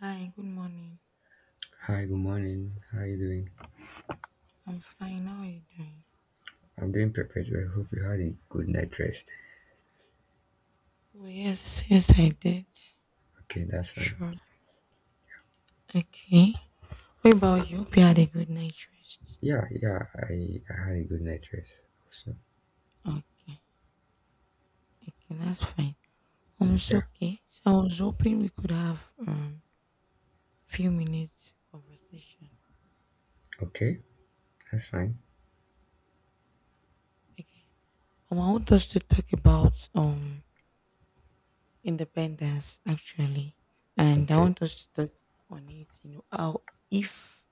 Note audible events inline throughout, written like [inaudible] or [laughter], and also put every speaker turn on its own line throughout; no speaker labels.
Hi, good morning.
Hi, good morning. How are you doing?
I'm fine. How are you doing?
I'm doing perfect. I hope you had a good night rest.
Oh, yes, yes, I did.
Okay, that's fine.
Sure. Okay. What about you? Hope you had a good night rest.
Yeah, yeah, I had a good night rest. So,
Okay. Okay, that's fine. It's
yeah.
okay. So I was hoping we could have few minutes conversation.
Okay, that's fine.
Okay. I want us to talk about independence actually, and I
Okay.
want us to talk on it. You know how if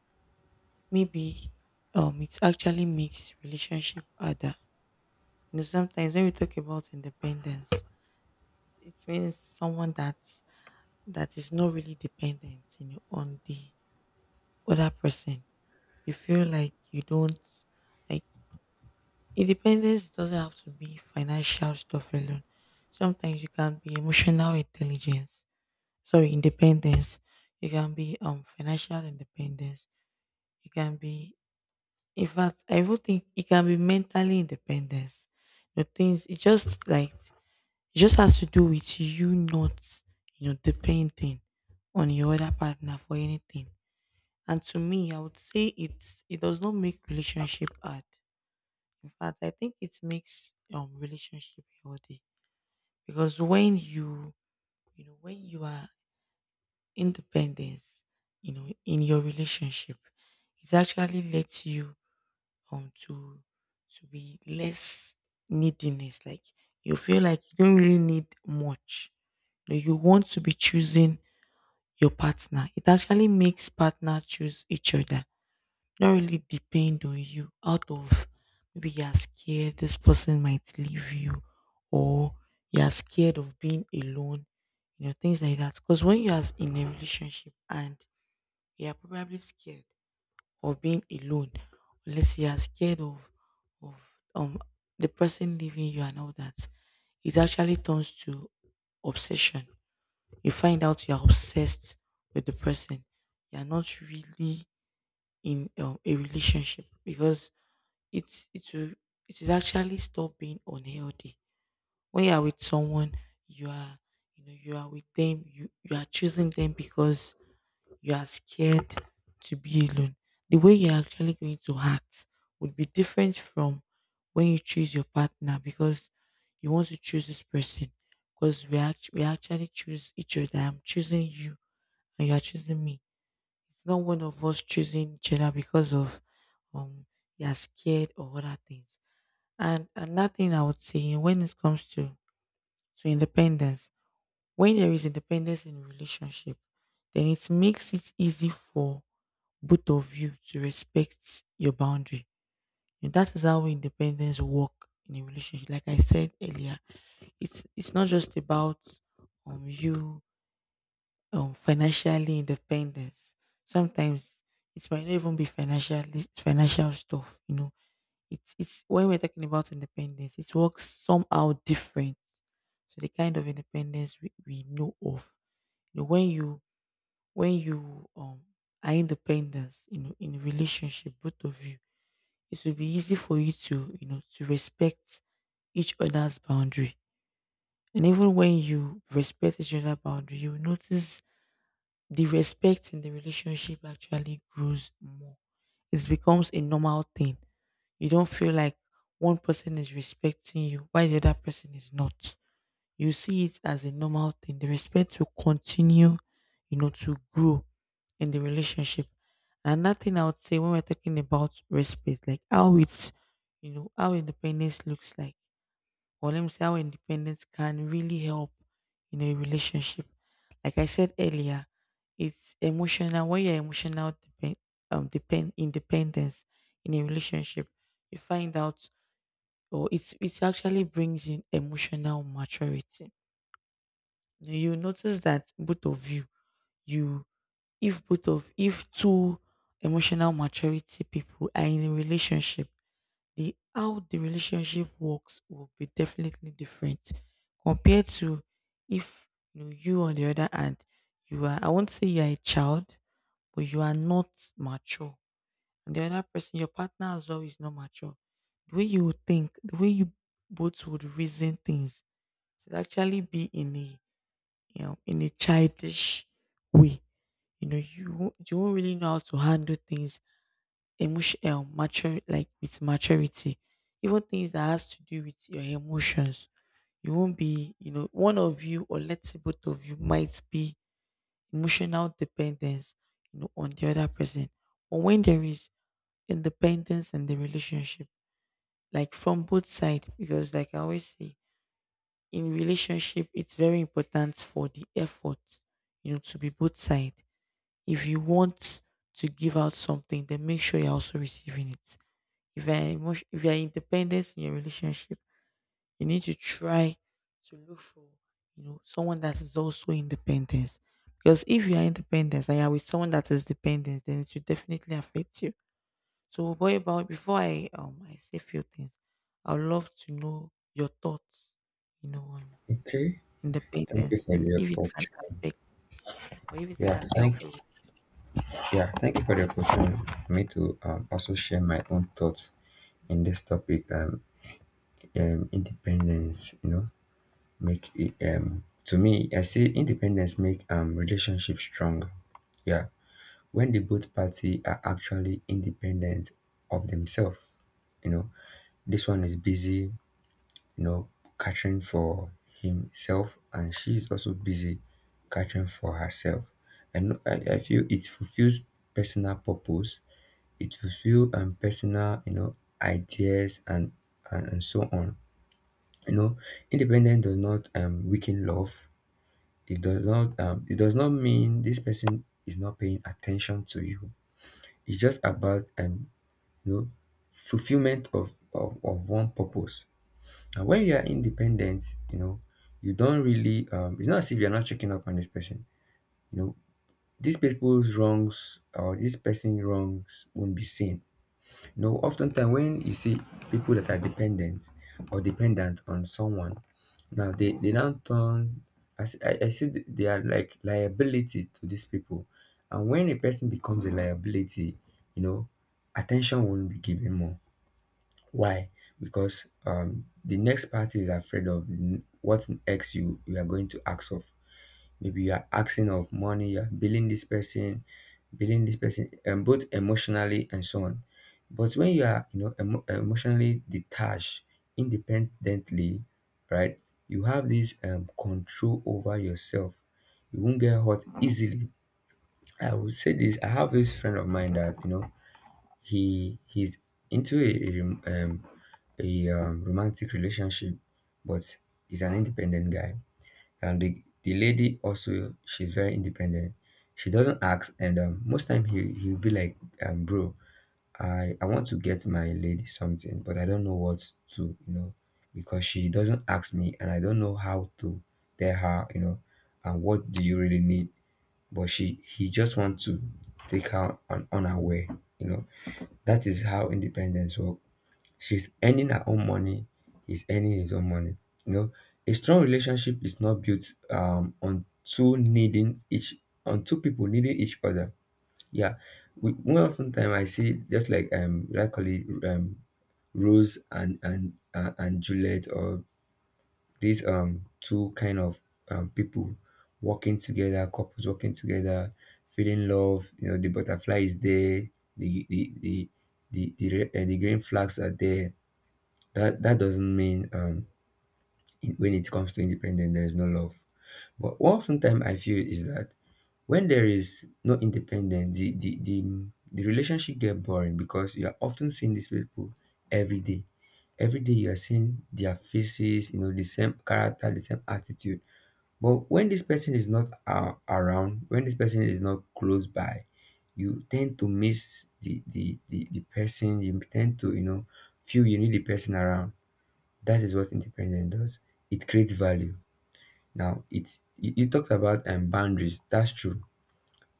maybe it actually makes relationship harder. You know, sometimes when we talk about independence, it means someone that is not really dependent, you know, on the other person. You feel like you don't like independence doesn't have to be financial stuff alone. Sometimes you can be emotional intelligence. Sorry, independence. You can be financial independence. You can be in fact I even think it can be mentally independence. The things it just like it just has to do with you not, you know, depending on your other partner for anything. And to me, I would say it does not make relationship hard. In fact, I think it makes relationship healthy because when you know when you are independent, you know, in your relationship, it actually lets you um to to be less neediness. Like you feel like you don't really need much. You, know, you want to be choosing your partner. It actually makes partner choose each other. Not really depend on you out of maybe you're scared this person might leave you or you're scared of being alone, you know, things like that. Because when you're in a relationship and you're probably scared or being alone unless you are scared of um the person leaving you and all that, it actually turns to obsession. You find out you are obsessed with the person. You are not really in a relationship because it's it will it will actually stop being unhealthy. When you are with someone, you are you know you are with them. You are choosing them because you are scared to be alone. The way you're actually going to act would be different from when you choose your partner because you want to choose this person. Because we actually choose each other. I'm choosing you and you are choosing me. It's not one of us choosing each other because of um you're scared or other things. And another thing I would say when it comes to independence, when there is independence in relationship, then it makes it easy for both of you to respect your boundary. And that is how independence work in a relationship. Like I said earlier, it's not just about you financially independence. Sometimes it might not even be financial stuff, you know. It's when we're talking about independence, it works somehow different to the kind of independence we know of. You know, when you are independent, you know, in a relationship, both of you it will be easy for you to, you know, to respect each other's boundary. And even when you respect each other's boundary, you will notice the respect in the relationship actually grows more. It becomes a normal thing. You don't feel like one person is respecting you while the other person is not. You see it as a normal thing. The respect will continue, you know, to grow in the relationship. Another thing I would say when we're talking about respect, like how it's, you know, how independence looks like, or let me say how independence can really help in a relationship. Like I said earlier, it's emotional. When you're emotional depend, depend independence in a relationship, you find out, or it actually brings in emotional maturity. You notice that both of you you if both of if two emotional maturity people are in a relationship, the how the relationship works will be definitely different compared to if you know you on the other hand you are I won't say you are a child but you are not mature and the other person your partner as well is not mature, the way you would think the way you both would reason things should actually be in a you know, in a childish way. You know, you won't really know how to handle things emotional, mature, like with maturity, even things that has to do with your emotions. You won't be, you know, one of you or let's say both of you might be emotional dependence, you know, on the other person. But when there is independence in the relationship, like from both sides, because like I always say, in relationship, it's very important for the effort, you know, to be both sides. If you want to give out something, then make sure you're also receiving it. If you're independent in your relationship, you need to try to look for you know someone that is also independent. Because if you are independent and you're with someone that is dependent, then it will definitely affect you. So, boy, about before I say few things, I would love to know your thoughts, you know, on
Okay. Thank you
independence
for
and
the
if it can
opportunity.
affect or if it
Yeah,
can help
thank
you.
yeah, thank you for the opportunity for me to also share my own thoughts in this topic. Independence, you know, make it to me I see independence make relationship strong. Yeah, when the both party are actually independent of themselves. You know, this one is busy, you know, catering for himself, and she is also busy catering for herself. And no, I feel it fulfills personal purpose. It fulfills personal, you know, ideas and so on. You know, independence does not weaken love. It does not mean this person is not paying attention to you. It's just about you know, fulfillment of one purpose. And when you are independent, you know, you don't really, it's not as if you're not checking up on this person. You know, these people's wrongs or this person's wrongs won't be seen. You know, oftentimes when you see people that are dependent or dependent on someone, now they now turn, I see they are like liability to these people. And when a person becomes a liability, you know, attention won't be given more. Why? Because the next party is afraid of what X you are going to ask of. Maybe you are asking of money, you are billing this person, and both emotionally and so on. But when you are, you know, emotionally detached, independently, right? You have this control over yourself. You won't get hurt easily. I would say this. I have this friend of mine that you know he's into a romantic relationship, but he's an independent guy, and the lady also, she's very independent. She doesn't ask, and most time he'll be like, um, bro, I want to get my lady something, but I don't know what to, you know, because she doesn't ask me and I don't know how to tell her, you know, and what do you really need, but she he just wants to take her on unaware, you know. That is how independence work. She's earning her own money, he's earning his own money. You know, a strong relationship is not built on two people needing each other. Yeah, one often time I see just like call it Rose and Juliet or these two kind of people working together, couples working together, feeling love. You know, the butterfly is there, the the the the green flags are there. That that doesn't mean when it comes to independence there is no love, but what sometimes I feel is that when there is no independence the relationship get boring, because you are often seeing these people every day. Every day you are seeing their faces, you know, the same character, the same attitude. But when this person is not around, when this person is not close by, you tend to miss the person. You tend to, you know, feel you need the person around. That is what independence does. It creates value. Now, it's you, you talked about boundaries. That's true.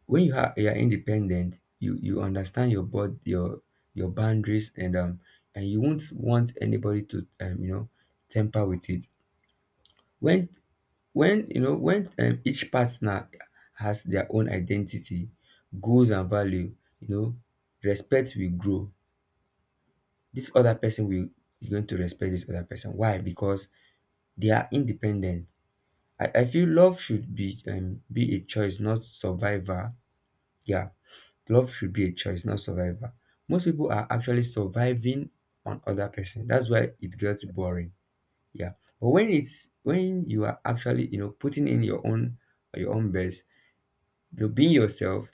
When you are independent, you understand your boundaries, and you won't want anybody to you know, temper with it. When when you know when each partner has their own identity, goals and value, you know, respect will grow. This other person will is going to respect this other person. Why? Because they are independent. I feel love should be a choice, not survivor. Yeah, love should be a choice, not survivor. Most people are actually surviving on other person. That's why it gets boring. Yeah, but when you are actually, you know, putting in your own best, you know, being yourself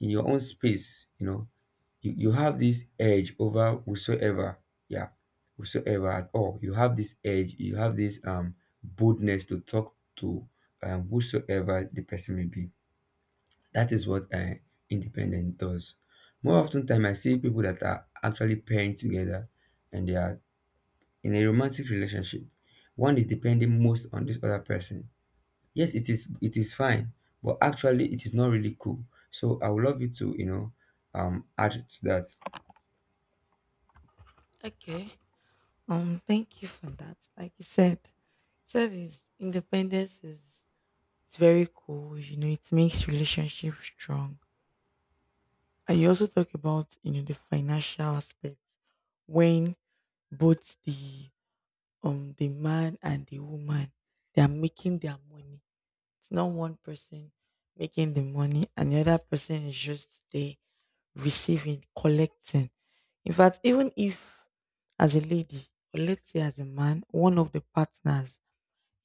in your own space. You know, you have this edge over whosoever, yeah, whosoever at all. You have this edge, you have this boldness to talk to whosoever the person may be. That is what independence does. More often time I see people that are actually pairing together, and they are in a romantic relationship, one is depending most on this other person. Yes, it is, it is fine, but actually it is not really cool. So I would love you to, you know, um, add to that.
Okay. Thank you for that. Like you said, is independence is it's very cool. You know, it makes relationship strong. And you also talk about you know the financial aspect when both the man and the woman they are making their money. It's not one person making the money and the other person is just there receiving, collecting. In fact, even if as a lady, or let's say as a man, one of the partners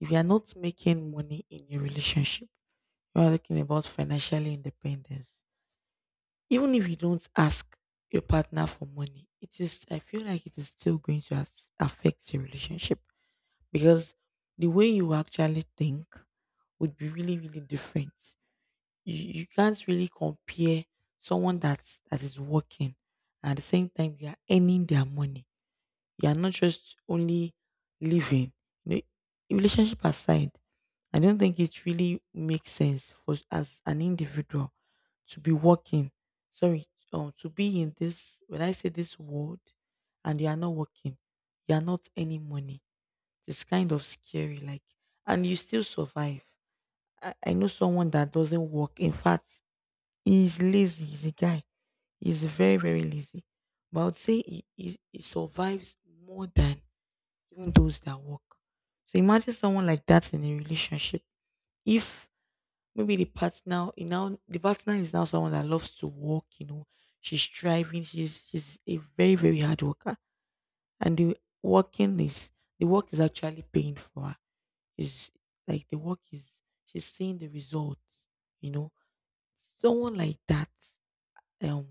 if you are not making money in your relationship, you are talking about financial independence. Even if you don't ask your partner for money, it is I feel like it is still going to affect your relationship because the way you actually think would be really really different. You can't really compare someone that is working and at the same time they are earning their money. You are not just only living. You know, relationship aside, I don't think it really makes sense for as an individual to be working. Sorry, to be in this when I say this world, and you are not working, you are not any money. It's kind of scary, like, and you still survive. I know someone that doesn't work. In fact, he's lazy. He's a guy. He's very very lazy. But I would say he survives more than even those that work. So imagine someone like that in a relationship. If maybe the partner you know, the partner is now someone that loves to work, you know. She's striving, she's a very, very hard worker. And the work is actually paying for her. Is like the work is she's seeing the results, you know. Someone like that, um,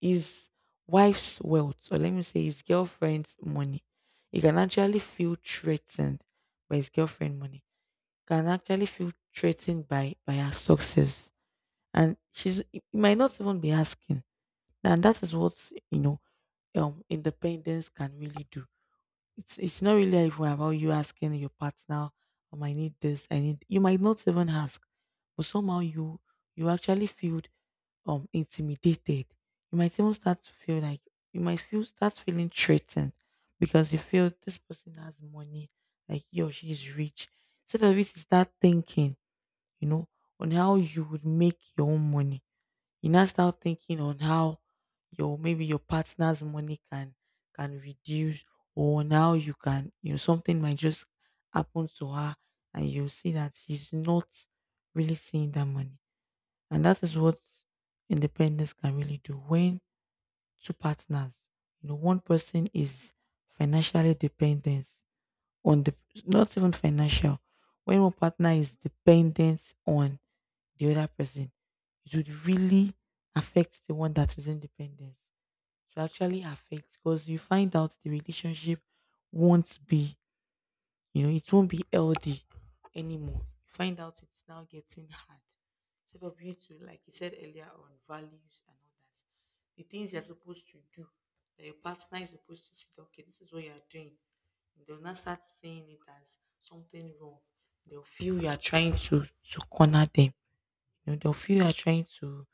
is wife's wealth, or let me say his girlfriend's money. He can actually feel threatened by his girlfriend money. Can actually feel threatened by her success and she's it might not even be asking and that is what you know independence can really do. It's not really even about you asking your partner. I need this, I need you might not even ask but somehow you you actually feel intimidated. You might even start to feel like you might feel start feeling threatened because you feel this person has money, like he or she is rich, so that you start thinking you know on how you would make your own money. You now start thinking on how your maybe your partner's money can reduce or now you can you know something might just happen to her and you'll see that she's not really seeing that money. And that is what independence can really do when two partners you know one person is financially dependent on the not even financial when one partner is dependent on the other person. It would really affect the one that is independent. To actually affect because you find out the relationship won't be, you know, it won't be healthy anymore. You find out it's now getting hard. Instead of you to, like you said earlier, on values and all that, the things you're supposed to do, that your partner is supposed to see, that, okay, this is what you're doing. They'll not start seeing it as something wrong. They'll feel you are trying to corner them. You know, they'll feel you are trying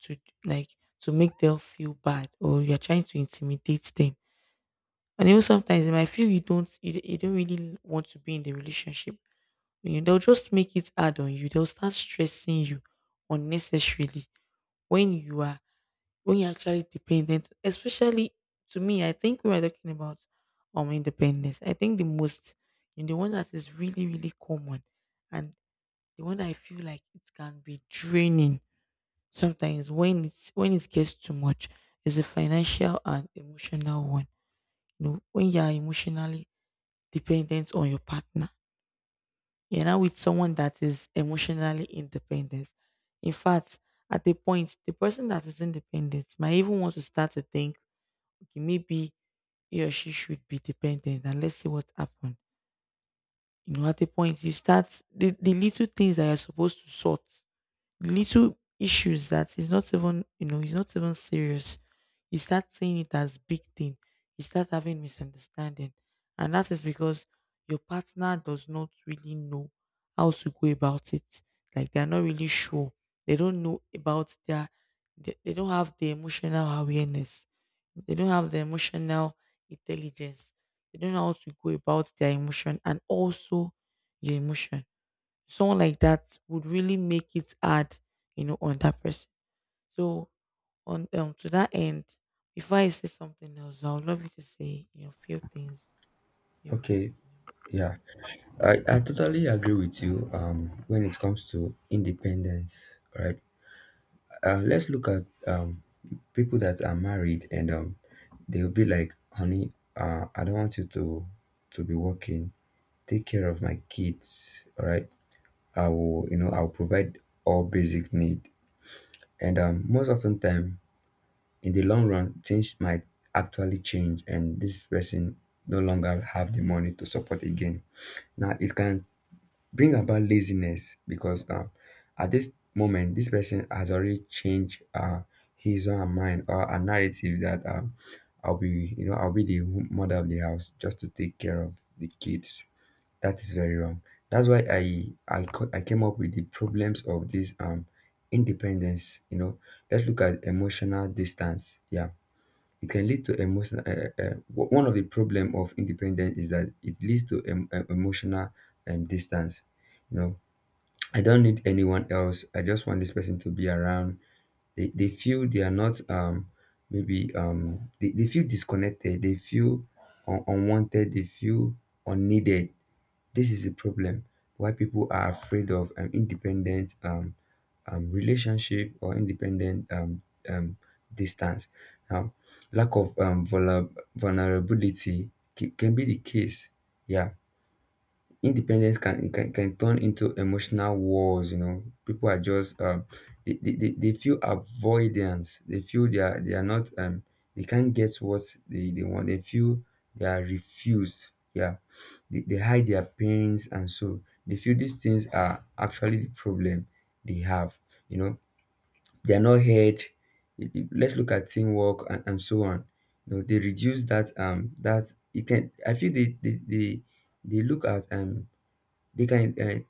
to like to make them feel bad or you're trying to intimidate them. And even sometimes they might feel you don't really want to be in the relationship. You know, they'll just make it hard on you. They'll start stressing you unnecessarily when you are when you're actually dependent. Especially to me, I think we are talking about independence. I think the most you know, the one that is really, really common and the one that I feel like it can be draining sometimes when it's when it gets too much, it's a financial and emotional one. You know, when you are emotionally dependent on your partner, you're now with someone that is emotionally independent. In fact, at the point, the person that is independent might even want to start to think, okay, maybe he or she should be dependent and let's see what happens. You know, at the point you start the little things that you're supposed to sort, little issues that is not even, you know, it's not even serious, you start seeing it as big thing. You start having misunderstanding, and that is because your partner does not really know how to go about it. Like they're not really sure, they don't know about their, they don't have the emotional awareness, they don't have the emotional intelligence, they don't know how to go about their emotion and also your emotion. Someone like that would really make it hard, you know, on that person. So on to that end, before I say something else, I would love you to say you know a few things you
Okay.
you know.
Yeah, I totally agree with you when it comes to independence, right? Let's look at people that are married and they'll be like, honey, I don't want you to be working. Take care of my kids, all right? I will, you know, I'll provide all basic need. And most often time, in the long run, things might actually change and this person no longer have the money to support again. Now, it can bring about laziness because at this moment this person has already changed his or her mind or a narrative that I'll be, you know, I'll be the mother of the house just to take care of the kids. That is very wrong. That's why I came up with the problems of this independence, you know. Let's look at emotional distance. Yeah, it can lead to emotional. One of the problem of independence is that it leads to emotional distance. You know, I don't need anyone else. I just want this person to be around. They feel they are not um, maybe um, they feel disconnected. They feel unwanted. They feel unneeded. This is a problem why people are afraid of independent relationship, or independent um, distance. Now, lack of vulnerability can be the case. Yeah, independence can turn into emotional wars. You know, people are just um, they feel avoidance, they feel they are not um, they can't get what they want, they feel they are refused. Yeah, they hide their pains and so they feel these things are actually the problem they have, you know, they are not heard. Let's look at teamwork and so on. You know, they reduce that um, that it can, I feel they look at um, they can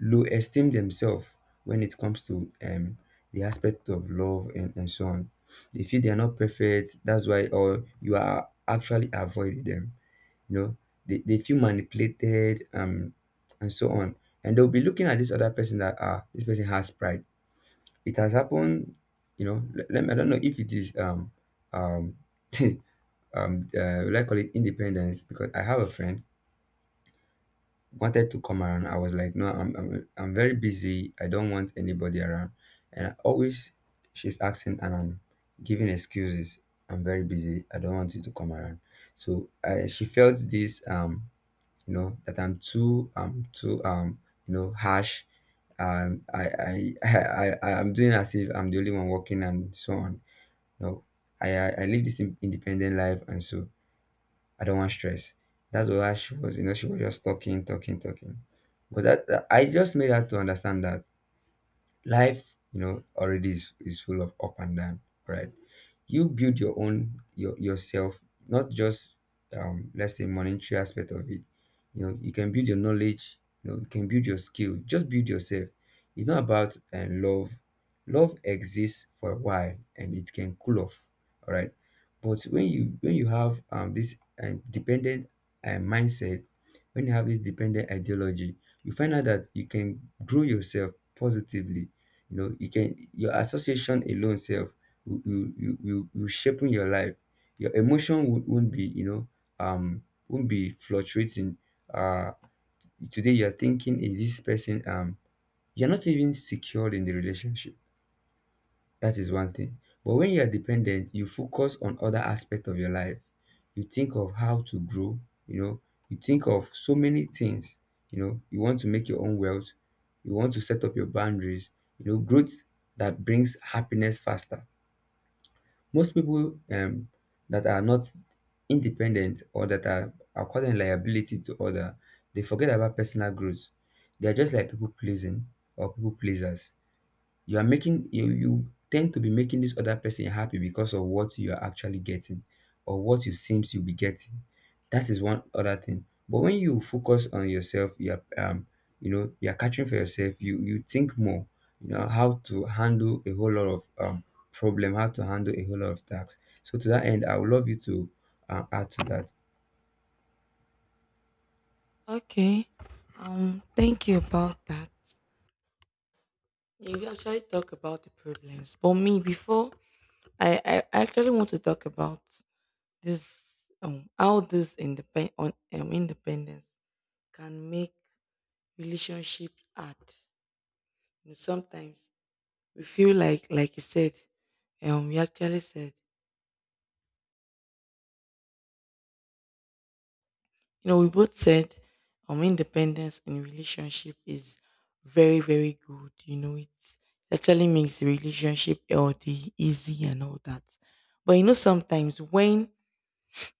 low esteem themselves when it comes to the aspect of love and so on. They feel they are not perfect. That's why, or you are actually avoiding them. You know, they feel manipulated and so on. And they'll be looking at this other person that, ah, this person has pride. It has happened. You know, let me, I don't know if it is um [laughs] will I call it independence, because I have a friend wanted to come around. I was like, no, I'm very busy. I don't want anybody around. And I always she's asking and I'm giving excuses. I'm very busy, I don't want you to come around. So I, she felt this, you know, that I'm too, too, you know, harsh. [laughs] I'm doing as if I'm the only one working and so on. No, I live this independent life, and so I don't want stress. That's why she was, you know, she was just talking, talking, talking. But I just made her to understand that life, you know, already is full of up and down, right? You build your own your yourself, not just um, let's say monetary aspect of it. You know, you can build your knowledge, you know, you can build your skill, just build yourself. It's not about love. Love exists for a while and it can cool off, all right? But when you have um, this dependent mindset, when you have this dependent ideology, you find out that you can grow yourself positively. You know, you can your association alone self will shaping your life. Your emotion won't be, you know, um, won't be fluctuating. Uh, today you're thinking is this person um, you're not even secured in the relationship. That is one thing. But when you are dependent, you focus on other aspect of your life. You think of how to grow. You know, you think of so many things. You know, you want to make your own wealth. You want to set up your boundaries. You know, growth, that brings happiness faster. Most people that are not independent, or that are causing liability to other, they forget about personal growth. They are just like people pleasing, or people pleasers. You are making you tend to be making this other person happy because of what you are actually getting, or what you seems you'll be getting. That is one other thing, but when you focus on yourself, you know, you're catching for yourself, you think more. You know how to handle a whole lot of problem, how to handle a whole lot of tasks. So to that end, I would love you to add to that.
Okay. Thank you about that. You actually talk about the problems. But me before, I actually want to talk about this how this independ on independence can make relationship hard. You know, sometimes we feel like you said, we actually said, you know, we both said, independence in relationship is very, very good, you know. It actually makes the relationship healthy, easy and all that, but you know sometimes when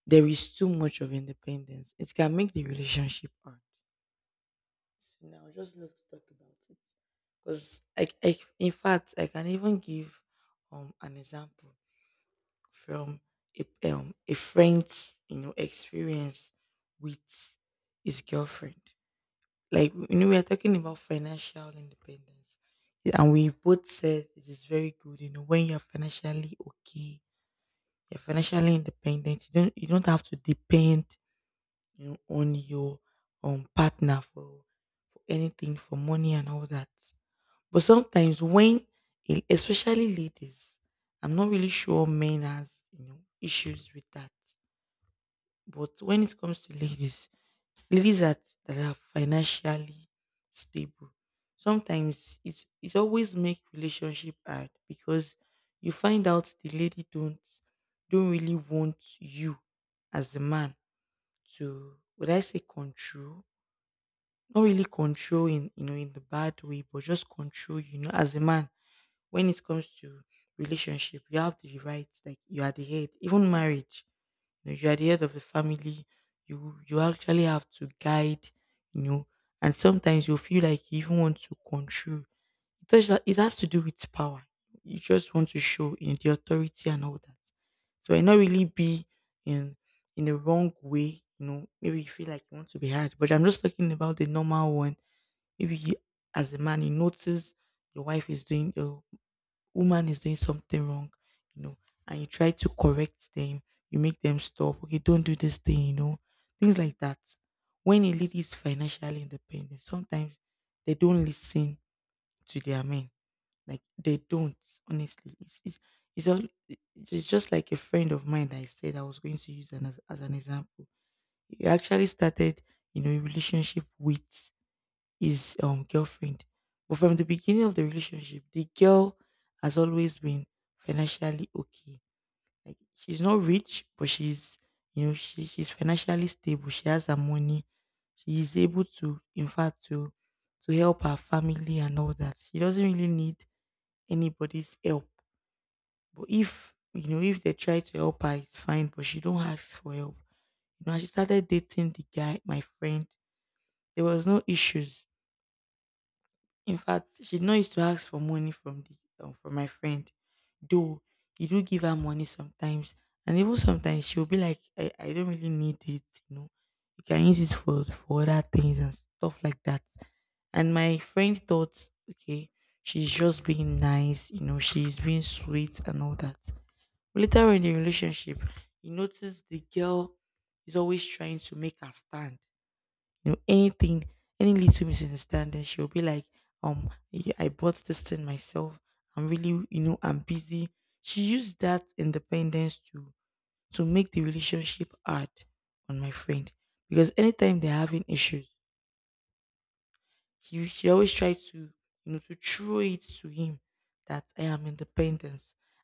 there is too much of independence, it can make the relationship hard. So now I just love to talk about it, because I in fact I can even give an example from a friend's you know experience with his girlfriend. Like you know we are talking about financial independence. Yeah, and we both said it is very good, you know, when you're financially okay, you're financially independent, you don't have to depend, you know, on your partner for anything, for money and all that. But sometimes when, especially ladies, I'm not really sure men has you know issues with that. But when it comes to ladies, ladies that, are financially stable, sometimes it's it always make relationship hard, because you find out the lady don't really want you as the man to, would I say, control? Not really control in you know in the bad way, but just control, you know, as a man. When it comes to relationship, you have the right, like you are the head, even marriage, you know, you are the head of the family. You actually have to guide, you know, and sometimes you feel like you even want to control. It does that, it has to do with power. You just want to show in the authority and all that. So it not really be in in the wrong way, you know. Maybe you feel like you want to be hard, but I'm just talking about the normal one. Maybe you, as a man, you notice your wife is doing, your woman is doing something wrong, you know, and you try to correct them, you make them stop. Okay, don't do this thing, you know, things like that. When a lady is financially independent, sometimes they don't listen to their men. Like they don't, honestly. It's, all, it's just like a friend of mine that I said I was going to use an, as an example. He actually started, you know, a relationship with his girlfriend. But from the beginning of the relationship, the girl has always been financially okay. Like she's not rich, but she's you know she's financially stable. She has her money. She is able to, in fact, to help her family and all that. She doesn't really need anybody's help. But if you know if they try to help her, it's fine. But she don't ask for help. You know, and she started dating the guy, my friend. There was no issues. In fact, she no used to ask for money from the from my friend, though he do give her money sometimes, and even sometimes she'll be like, "I don't really need it, you know. You can use it for other things and stuff like that." And my friend thought, okay, she's just being nice, you know, she's being sweet and all that. Later in the relationship, he noticed the girl is always trying to make her stand, you know, anything, any little misunderstanding, she'll be like, yeah, I bought this thing myself. I'm really, you know, I'm busy. She used that independence to make the relationship hard on my friend, because anytime they're having issues, she always tried to, you know, to throw it to him that I am independent.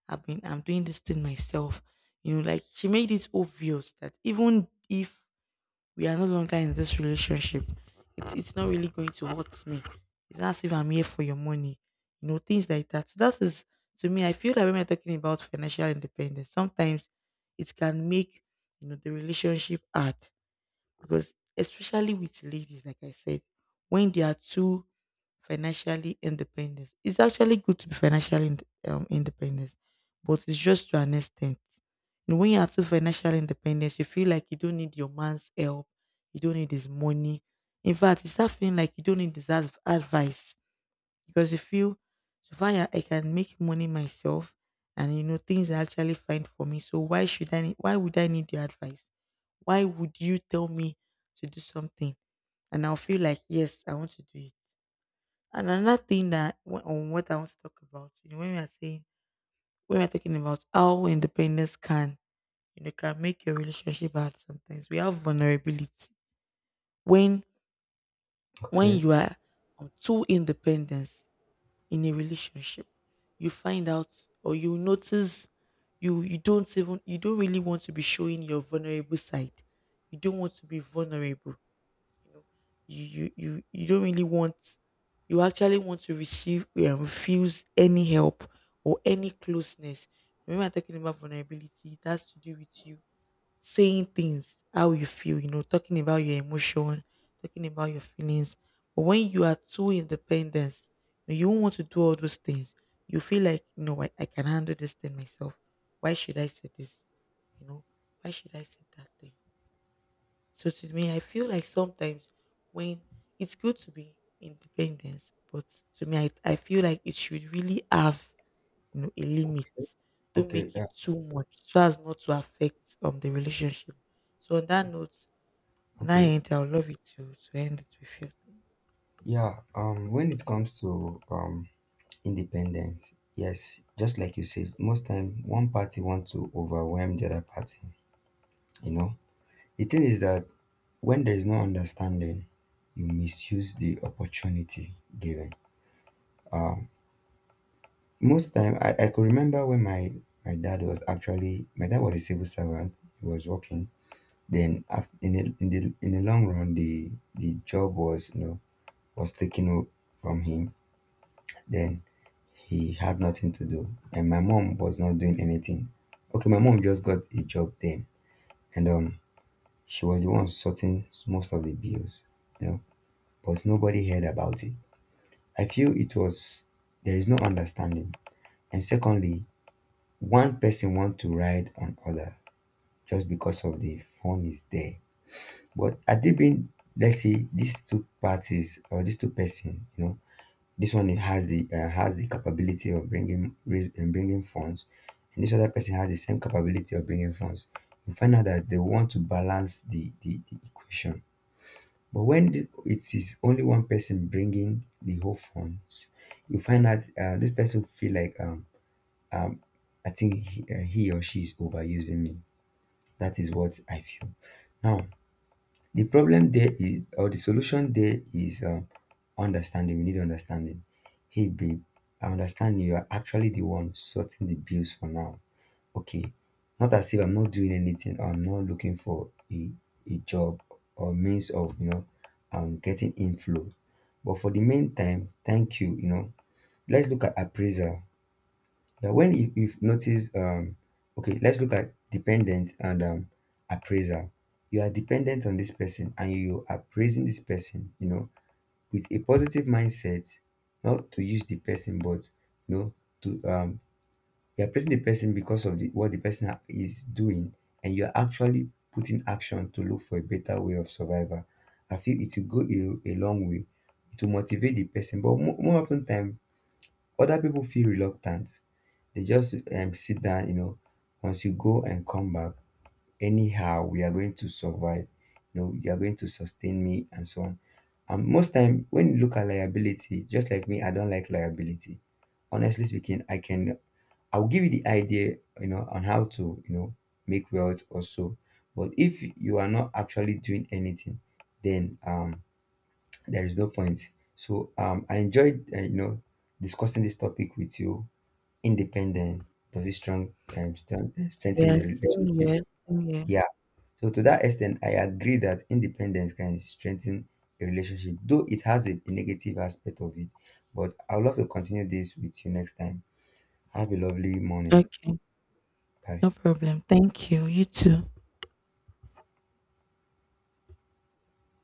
I'm doing this thing myself. You know, like she made it obvious that even if we are no longer in this relationship. It's not really going to hurt me. It's not as if I'm here for your money. You know, things like that. So that is, to me, I feel that when we're talking about financial independence, sometimes it can make you know the relationship hard, because especially with ladies, like I said, when they are too financially independent, it's actually good to be financially ind- independent, but it's just to an extent. You know, when you are too financially independent, you feel like you don't need your man's help, you don't need his money. In fact, you start feeling like you don't need his adv- advice, because you feel so far I can make money myself and you know things are actually fine for me. So why should I need, why would I need your advice? Why would you tell me to do something? And I'll feel like yes, I want to do it. And another thing that wh- on what I want to talk about, you know, when we are saying when we are talking about how independence can, you know, can make your relationship hard sometimes. We have vulnerability. When when
Okay.
you are too independent, in a relationship you find out or you notice you don't really want to be showing your vulnerable side, you don't want to be vulnerable, you know, you don't really want, you actually want to receive and refuse any help or any closeness. Remember, I'm talking about vulnerability. It has to do with you saying things how you feel, you know, talking about your emotion, talking about your feelings. But when you are too independent, you won't want to do all those things. You feel like, you know, I can handle this thing myself. Why should I say this? You know, why should I say that thing? So to me, I feel like sometimes when it's good to be independent, but to me, I feel like it should really have you know, a limit. Don't
Okay.
make
Yeah.
it too much so as not to affect the relationship. So on that note, on that
Okay.
end, I would love you to end it with your things.
Yeah, when it comes to independence, yes, just like you said, most time one party want to overwhelm the other party. You know, the thing is that when there is no understanding, you misuse the opportunity given. Um, Most time, I could remember when my dad was a civil servant. He was working. Then after, in the long run, the job was, you know, was taken from him. Then he had nothing to do, and my mom was not doing anything. Okay, my mom just got a job then, and she was the one sorting most of the bills, you know. But nobody heard about it. I feel it was, there is no understanding, and secondly, one person want to ride on other just because of the fun is there. But had it been, let's say, these two parties or these two person, you know, this one has the capability of bringing rais- and bringing funds, and this other person has the same capability of bringing funds. You find out that they want to balance the equation. But when it is only one person bringing the whole funds, you find out, this person feel like I think he or she is overusing me. That is what I feel now. The problem there is, or the solution there is, understanding. We need understanding. Hey, babe, I understand you are actually the one sorting the bills for now. Okay, not as if I'm not doing anything, or I'm not looking for a job or means of, you know, getting inflow. But for the meantime, thank you, you know. Let's look at appraisal. Now, when you've noticed, okay, let's look at dependent and appraisal. You are dependent on this person, and you are praising this person, you know, with a positive mindset, not to use the person, but, you know, to, um, you're praising the person because of the, what the person is doing, and you're actually putting action to look for a better way of survival. I feel it will go a long way. It will motivate the person, but more often time, other people feel reluctant. They just sit down, you know, once you go and come back, anyhow, we are going to survive. You know, you are going to sustain me and so on. And most time when you look at liability, just like me, I don't like liability. Honestly speaking, I'll give you the idea, you know, on how to, you know, make wealth also. But if you are not actually doing anything, then there is no point. So I enjoyed, you know, discussing this topic with you. Independent, does it strong, strengthen
Yeah,
the
same here,
relationship?
same here.
Yeah, so to that extent I agree that independence can strengthen a relationship, though it has a negative aspect of it. But I would love to continue this with you next time. Have a lovely morning.
Okay,
Bye.
no problem. Thank you. You too.